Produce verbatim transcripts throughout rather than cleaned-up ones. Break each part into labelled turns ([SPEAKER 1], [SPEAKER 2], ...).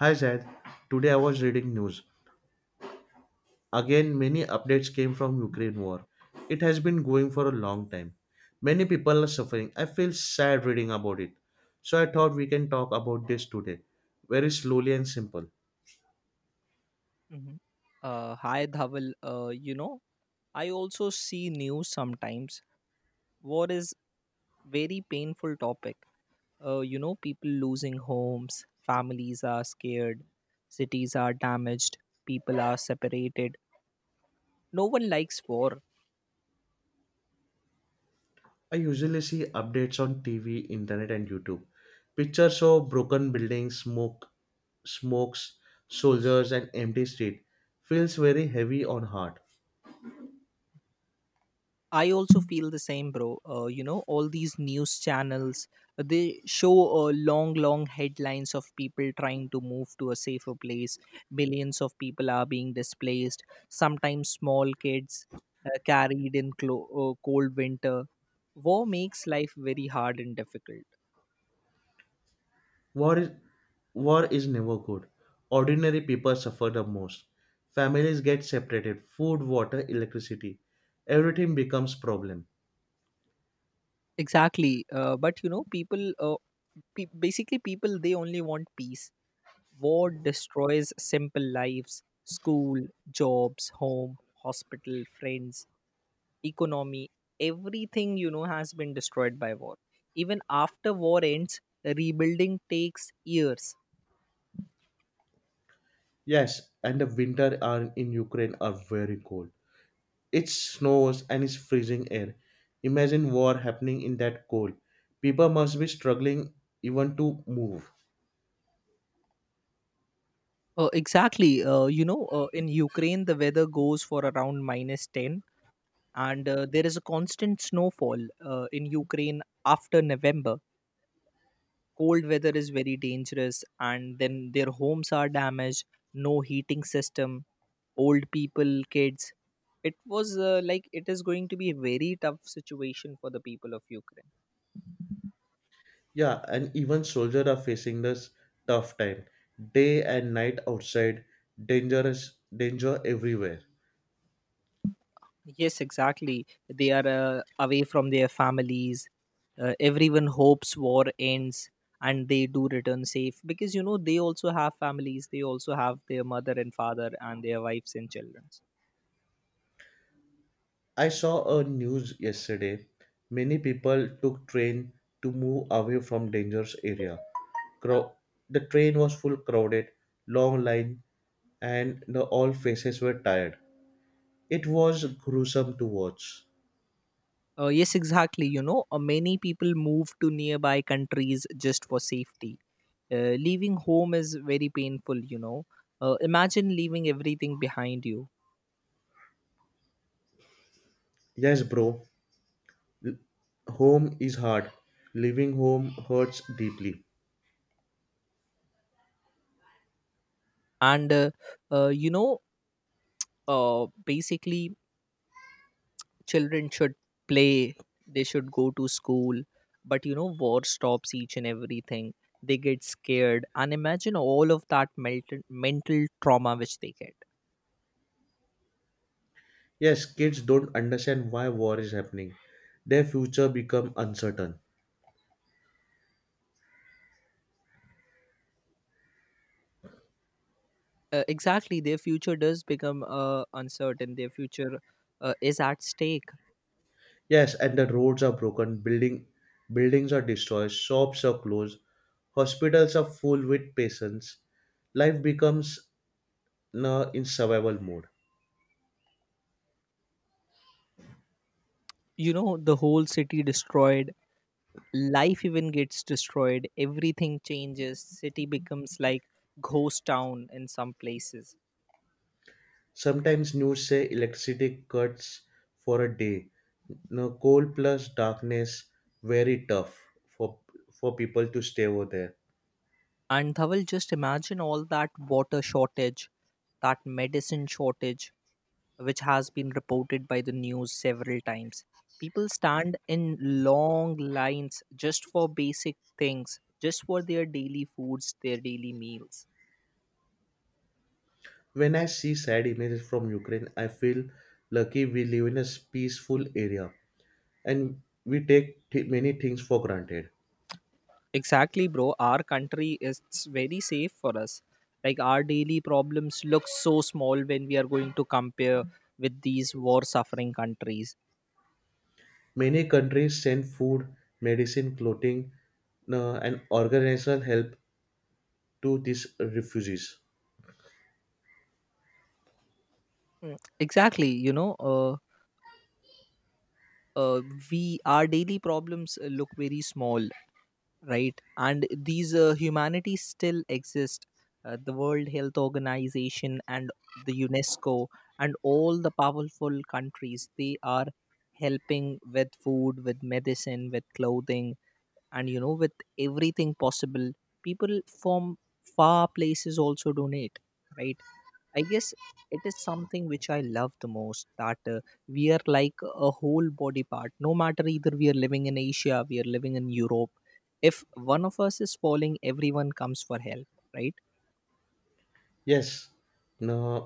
[SPEAKER 1] Hi Zad, today I was reading news. Again, many updates came from Ukraine war. It has been going for a long time. Many people are suffering. I feel sad reading about it. So I thought we can talk about this today, very slowly and simple.
[SPEAKER 2] Mhm. Uh, hi Dhaval. Uh, you know, I also see news sometimes. War is very painful topic. Uh, you know, people losing homes, families are scared, cities are damaged, people are separated. No one likes war.
[SPEAKER 1] I usually see updates on T V, internet, and YouTube. Pictures of broken buildings, smoke, smokes, soldiers, and empty street feels very heavy on heart.
[SPEAKER 2] I also feel the same, bro. Uh, you know, all these news channels uh, they show uh, long, long headlines of people trying to move to a safer place. Millions of people are being displaced. Sometimes small kids uh, carried in clo- uh, cold winter. War makes life very hard and difficult.
[SPEAKER 1] War is war is never good. Ordinary people suffer the most. Families get separated. Food, water, electricity, everything becomes problem.
[SPEAKER 2] Exactly. Uh, but you know, people, uh, pe- basically, people they only want peace. War destroys simple lives school, jobs, home, hospital, friends, economy. Everything, you know, has been destroyed by war. Even after war ends, rebuilding takes years.
[SPEAKER 1] Yes, and the winter are in Ukraine are very cold. It snows and it's freezing air. Imagine war happening in that cold. People must be struggling even to move.
[SPEAKER 2] Uh, exactly. Uh, you know, uh, in Ukraine, the weather goes for around minus ten, and uh, there is a constant snowfall uh, in Ukraine after November. Cold weather is very dangerous, and then their homes are damaged, no heating system, old people kids it was uh, like it is going to be a very tough situation for the people of Ukraine.
[SPEAKER 1] Yeah, and even soldiers are facing this tough time. Day and night outside, dangerous danger everywhere.
[SPEAKER 2] Yes, exactly, they are uh, away from their families. uh, everyone hopes war ends and they do return safe, because you know they also have families, they also have their mother and father and their wives and children.
[SPEAKER 1] I saw a news yesterday. Many people took train to move away from dangerous area. Crow- the train was full crowded, long line, and the all faces were tired. It was gruesome to watch.
[SPEAKER 2] uh, yes, exactly, you know, uh, many people move to nearby countries just for safety. Uh, leaving home is very painful, you know. Uh, imagine leaving everything behind you.
[SPEAKER 1] Yes, bro. Home is hard. Leaving home hurts deeply.
[SPEAKER 2] And, uh, uh, you know, uh, basically, children should play, they should go to school. But, you know, war stops each and everything. They get scared. And imagine all of that mental, mental trauma which they get.
[SPEAKER 1] Yes, kids don't understand why war is happening. Their future become uncertain.
[SPEAKER 2] Uh, exactly. Their future does become uh, uncertain, their future uh, is at stake.
[SPEAKER 1] Yes, and the roads are broken, building buildings are destroyed, shops are closed, hospitals are full with patients. Life becomes uh, in survival mode.
[SPEAKER 2] You know, the whole city destroyed, life even gets destroyed, everything changes, city becomes like ghost town in some places.
[SPEAKER 1] Sometimes news say electricity cuts for a day. No cold plus darkness, very tough for for people to stay over there.
[SPEAKER 2] And Dhaval, just imagine all that water shortage, that medicine shortage, which has been reported by the news several times. People stand in long lines just for basic things, just for their daily foods, their daily meals.
[SPEAKER 1] When I see sad images from Ukraine, I feel lucky we live in a peaceful area and we take th- many things for granted.
[SPEAKER 2] Exactly, bro. Our country is very safe for us. Like our daily problems look so small when we are going to compare with these war suffering countries.
[SPEAKER 1] Many countries send food, medicine, clothing, uh, and organizational help to these refugees.
[SPEAKER 2] Mm, exactly, you know, uh, uh, we our daily problems uh, look very small, right? And these uh, humanity still exist. Uh, the World Health Organization and the UNESCO and all the powerful countries they are helping with food, with medicine, with clothing, and you know, with everything possible. People from far places also donate, right? I guess it is something which I love the most, that uh, we are like a whole body part, no matter either we are living in Asia, we are living in Europe. If one of us is falling, everyone comes for help, right?
[SPEAKER 1] Yes, uh,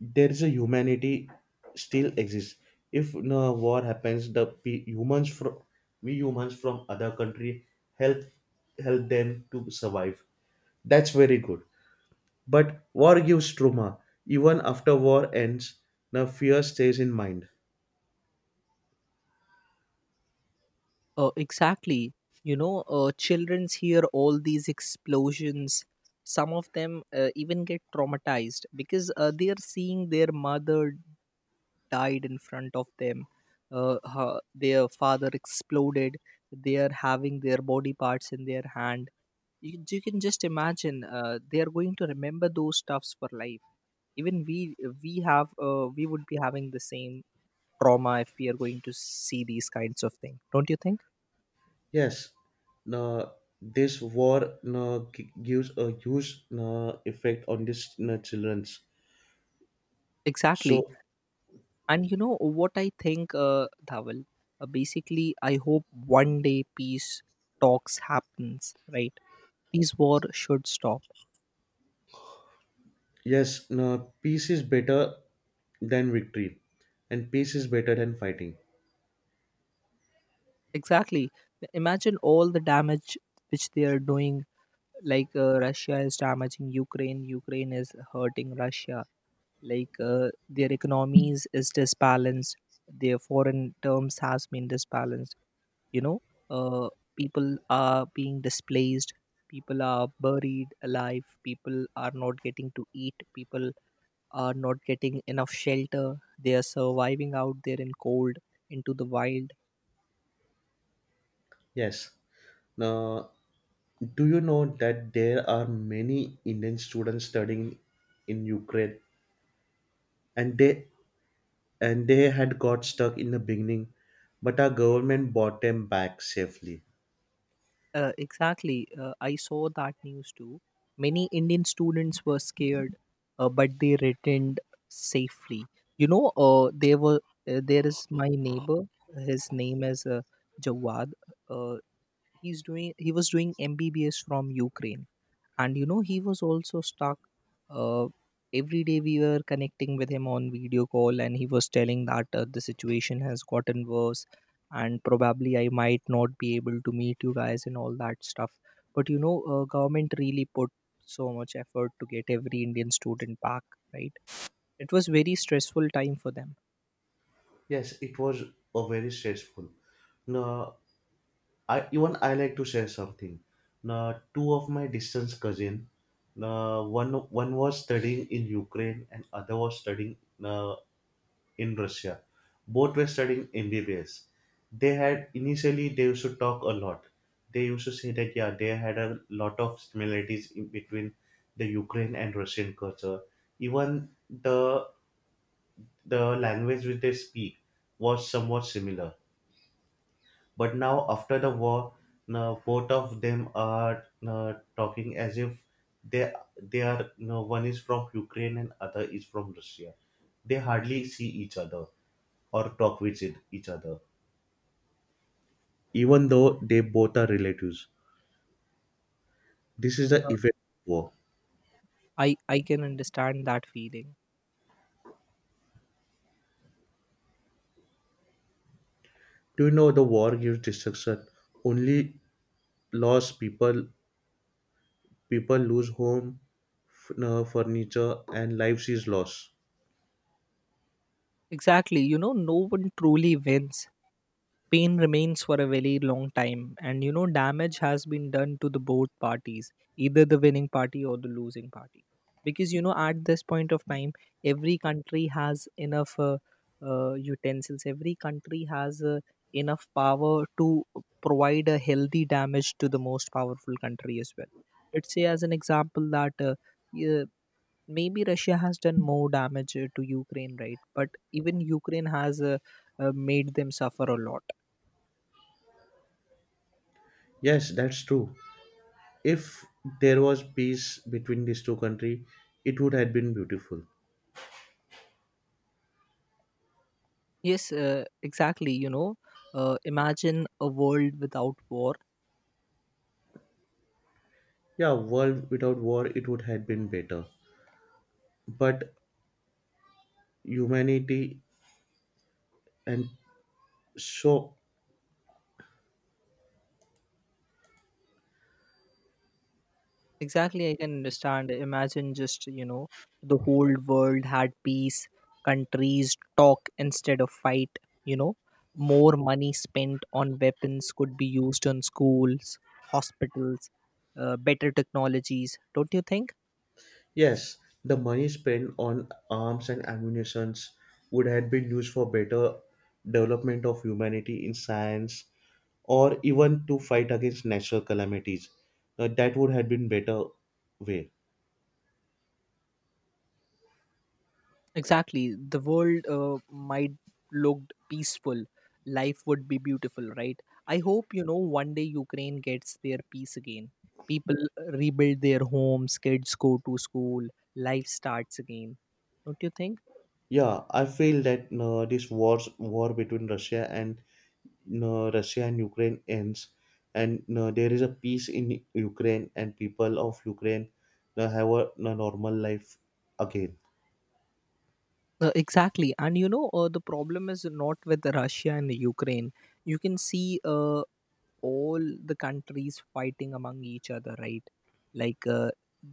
[SPEAKER 1] there is a humanity still exists. If no war happens, the pe- humans from we humans from other country help help them to survive. That's very good. But war gives trauma. Even after war ends, the fear stays in mind.
[SPEAKER 2] uh, exactly, you know, uh, children's hear all these explosions. Some of them uh, even get traumatized because uh, they are seeing their mother died in front of them, uh, her, their father exploded, they are having their body parts in their hand. You, you can just imagine uh, they are going to remember those stuffs for life. Even we we have uh, we would be having the same trauma if we are going to see these kinds of things, don't you think?
[SPEAKER 1] Yes, no, this war no, gi- gives a huge no, effect on these no, childrens.
[SPEAKER 2] Exactly,
[SPEAKER 1] So
[SPEAKER 2] and you know what I think, uh, Dhaval, uh, basically I hope one day peace talks happens, right? These war should stop.
[SPEAKER 1] yes, no, peace is better than victory, and peace is better than fighting.
[SPEAKER 2] Exactly. Imagine all the damage which they are doing. Like uh, Russia is damaging Ukraine, Ukraine is hurting Russia. Like uh, their economies is disbalanced. Their foreign terms has been disbalanced. You know, uh, people are being displaced. People are buried alive. People are not getting to eat. People are not getting enough shelter. They are surviving out there in cold, into the wild.
[SPEAKER 1] Yes. Now, do you know that there are many Indian students studying in Ukraine, and they and they had got stuck in the beginning, but our government bought them back safely.
[SPEAKER 2] Uh, exactly. Uh, I saw that news too. Many Indian students were scared, uh, but they returned safely. You know, uh, there were uh, there is my neighbor. His name is uh, Jawad. Uh, he's doing he was doing M B B S from Ukraine, and you know he was also stuck. uh, every day we were connecting with him on video call and he was telling that uh, the situation has gotten worse and probably I might not be able to meet you guys and all that stuff. But you know, uh, government really put so much effort to get every Indian student back, right? It was very stressful time for them.
[SPEAKER 1] Yes, it was a very stressful. Now, I even I like to share something. Now, two of my distant cousin, now one one was studying in Ukraine and other was studying uh, in Russia. Both were studying M B B S. They had initially they used to talk a lot. They used to say that yeah they had a lot of similarities in between the Ukraine and Russian culture. Even the the language which they speak was somewhat similar but now, after the war, now both of them are now talking as if they they are now one is from Ukraine and other is from Russia. They hardly see each other or talk with it- each other, even though they both are relatives. This is the effect of war.
[SPEAKER 2] I i can understand that feeling.
[SPEAKER 1] Do you know the war gives destruction? Only loss people people lose home, f- uh, furniture, and lives is lost.
[SPEAKER 2] Exactly, you know, no one truly wins. Pain remains for a very long time, and you know damage has been done to the both parties, either the winning party or the losing party, because you know at this point of time every country has enough uh, uh, utensils. Every country has uh, enough power to provide a healthy damage to the most powerful country as well. Let's say as an example that, uh, yeah, maybe Russia has done more damage uh, to Ukraine, right? But even Ukraine has uh, uh, made them suffer a lot.
[SPEAKER 1] Yes, that's true. If there was peace between these two countries, it would have been beautiful.
[SPEAKER 2] Yes, uh, exactly. You know, uh, imagine a world without war.
[SPEAKER 1] Yeah, world without war, it would have been better. But humanity and so
[SPEAKER 2] Exactly, I can understand. Imagine just, you know, the whole world had peace, countries talk instead of fight, you know, more money spent on weapons could be used on schools, hospitals, uh, better technologies, don't you think?
[SPEAKER 1] yes, the money spent on arms and ammunitions would have been used for better development of humanity in science or even to fight against natural calamities. Uh, that would have been better way.
[SPEAKER 2] Exactly. The world uh, might looked peaceful. Life would be beautiful, right? I hope you know one day Ukraine gets their peace again. People uh, rebuild their homes, kids go to school, life starts again. Don't you think?
[SPEAKER 1] Yeah, I feel that uh, this wars war between Russia and uh, Russia and Ukraine ends, and uh, there is a peace in Ukraine, and people of Ukraine uh, have a, a normal life again.
[SPEAKER 2] Uh, exactly. And you know, uh, the problem is not with Russia and Ukraine. You can see uh, all the countries fighting among each other, right? Like uh,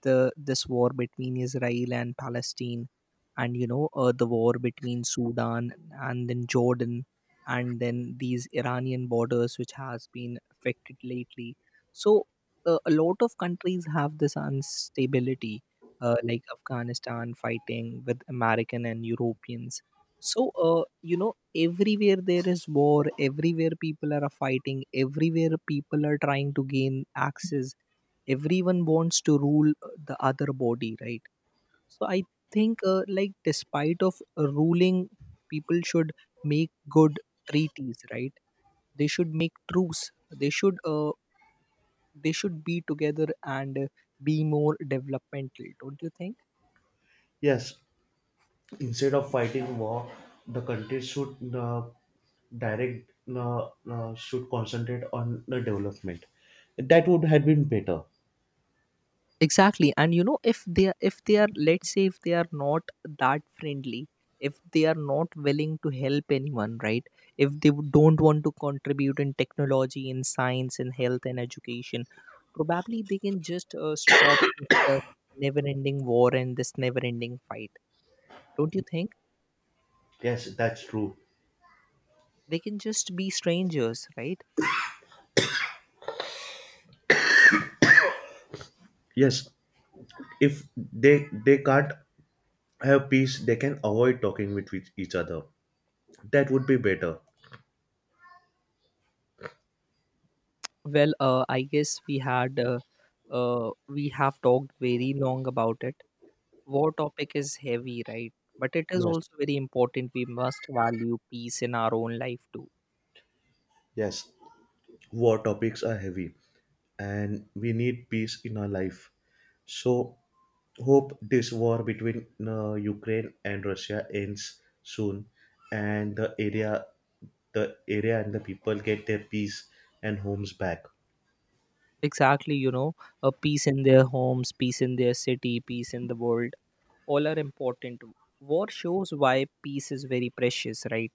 [SPEAKER 2] the this war between Israel and Palestine, and you know uh, the war between Sudan and then Jordan, and then these Iranian borders which has been affected lately. So uh, a lot of countries have this instability, uh, like Afghanistan fighting with American and Europeans. So uh, you know, everywhere there is war, everywhere people are fighting, everywhere people are trying to gain access. Everyone wants to rule uh, the other body, right? So I think uh, like despite of uh, ruling, people should make good treaties, right? They should make truce. they should uh, they should be together and uh, be more developmental, don't you think?
[SPEAKER 1] Yes, instead of fighting war, the country should uh, direct uh, uh, should concentrate on the development. That would have been better.
[SPEAKER 2] Exactly, and you know, if they are if they are, let's say, if they are not that friendly, if they are not willing to help anyone, right? If they w- don't want to contribute in technology, in science, in health and education, probably they can just uh, stop this uh, never ending war and this never ending fight, don't you think?
[SPEAKER 1] Yes, that's true.
[SPEAKER 2] They can just be strangers, right?
[SPEAKER 1] Yes, if they they can't have peace, they can avoid talking with each each other. That would be better.
[SPEAKER 2] Well, uh, I guess we had uh, uh, we have talked very long about it. War topic is heavy, right? But it is
[SPEAKER 1] Yes,
[SPEAKER 2] also very important. We must value peace in our own life too.
[SPEAKER 1] yes, war topics are heavy and we need peace in our life. So, hope this war between uh, Ukraine and Russia ends soon and the area the area and the people get their peace and homes back.
[SPEAKER 2] Exactly, you know, a peace in their homes, peace in their city, peace in the world. All are important. War shows why peace is very precious, right?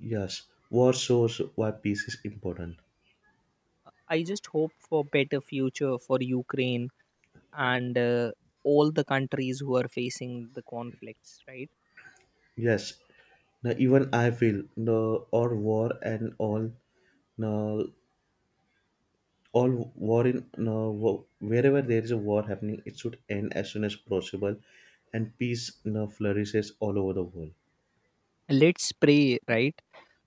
[SPEAKER 1] Yes, war shows why peace is important.
[SPEAKER 2] I just hope for better future for Ukraine and uh, all the countries who are facing the conflicts, right?
[SPEAKER 1] Yes, now even I feel no or war and all no all war in no wo- wherever there is a war happening, it should end as soon as possible, and peace no flourishes all over the world.
[SPEAKER 2] Let's pray, right?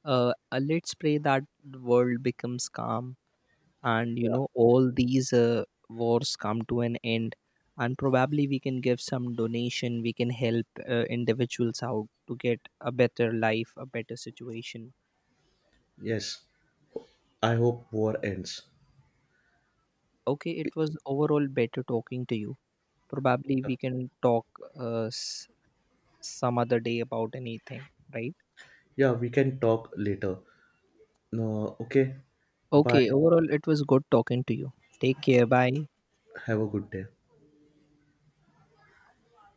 [SPEAKER 2] Uh, uh, let's pray that the world becomes calm, and you
[SPEAKER 1] Yeah.
[SPEAKER 2] know all these uh, wars come to an end, and probably we can give some donation, we can help uh, individuals out to get a better life, a better situation.
[SPEAKER 1] Yes, I hope war ends.
[SPEAKER 2] Okay, it was overall better talking to you. Probably we can talk uh, s- some other day about anything, right?
[SPEAKER 1] Yeah, we can talk later. No, okay. Bye.
[SPEAKER 2] Okay, overall it was good talking to you. Take care, bye.
[SPEAKER 1] Have a good day.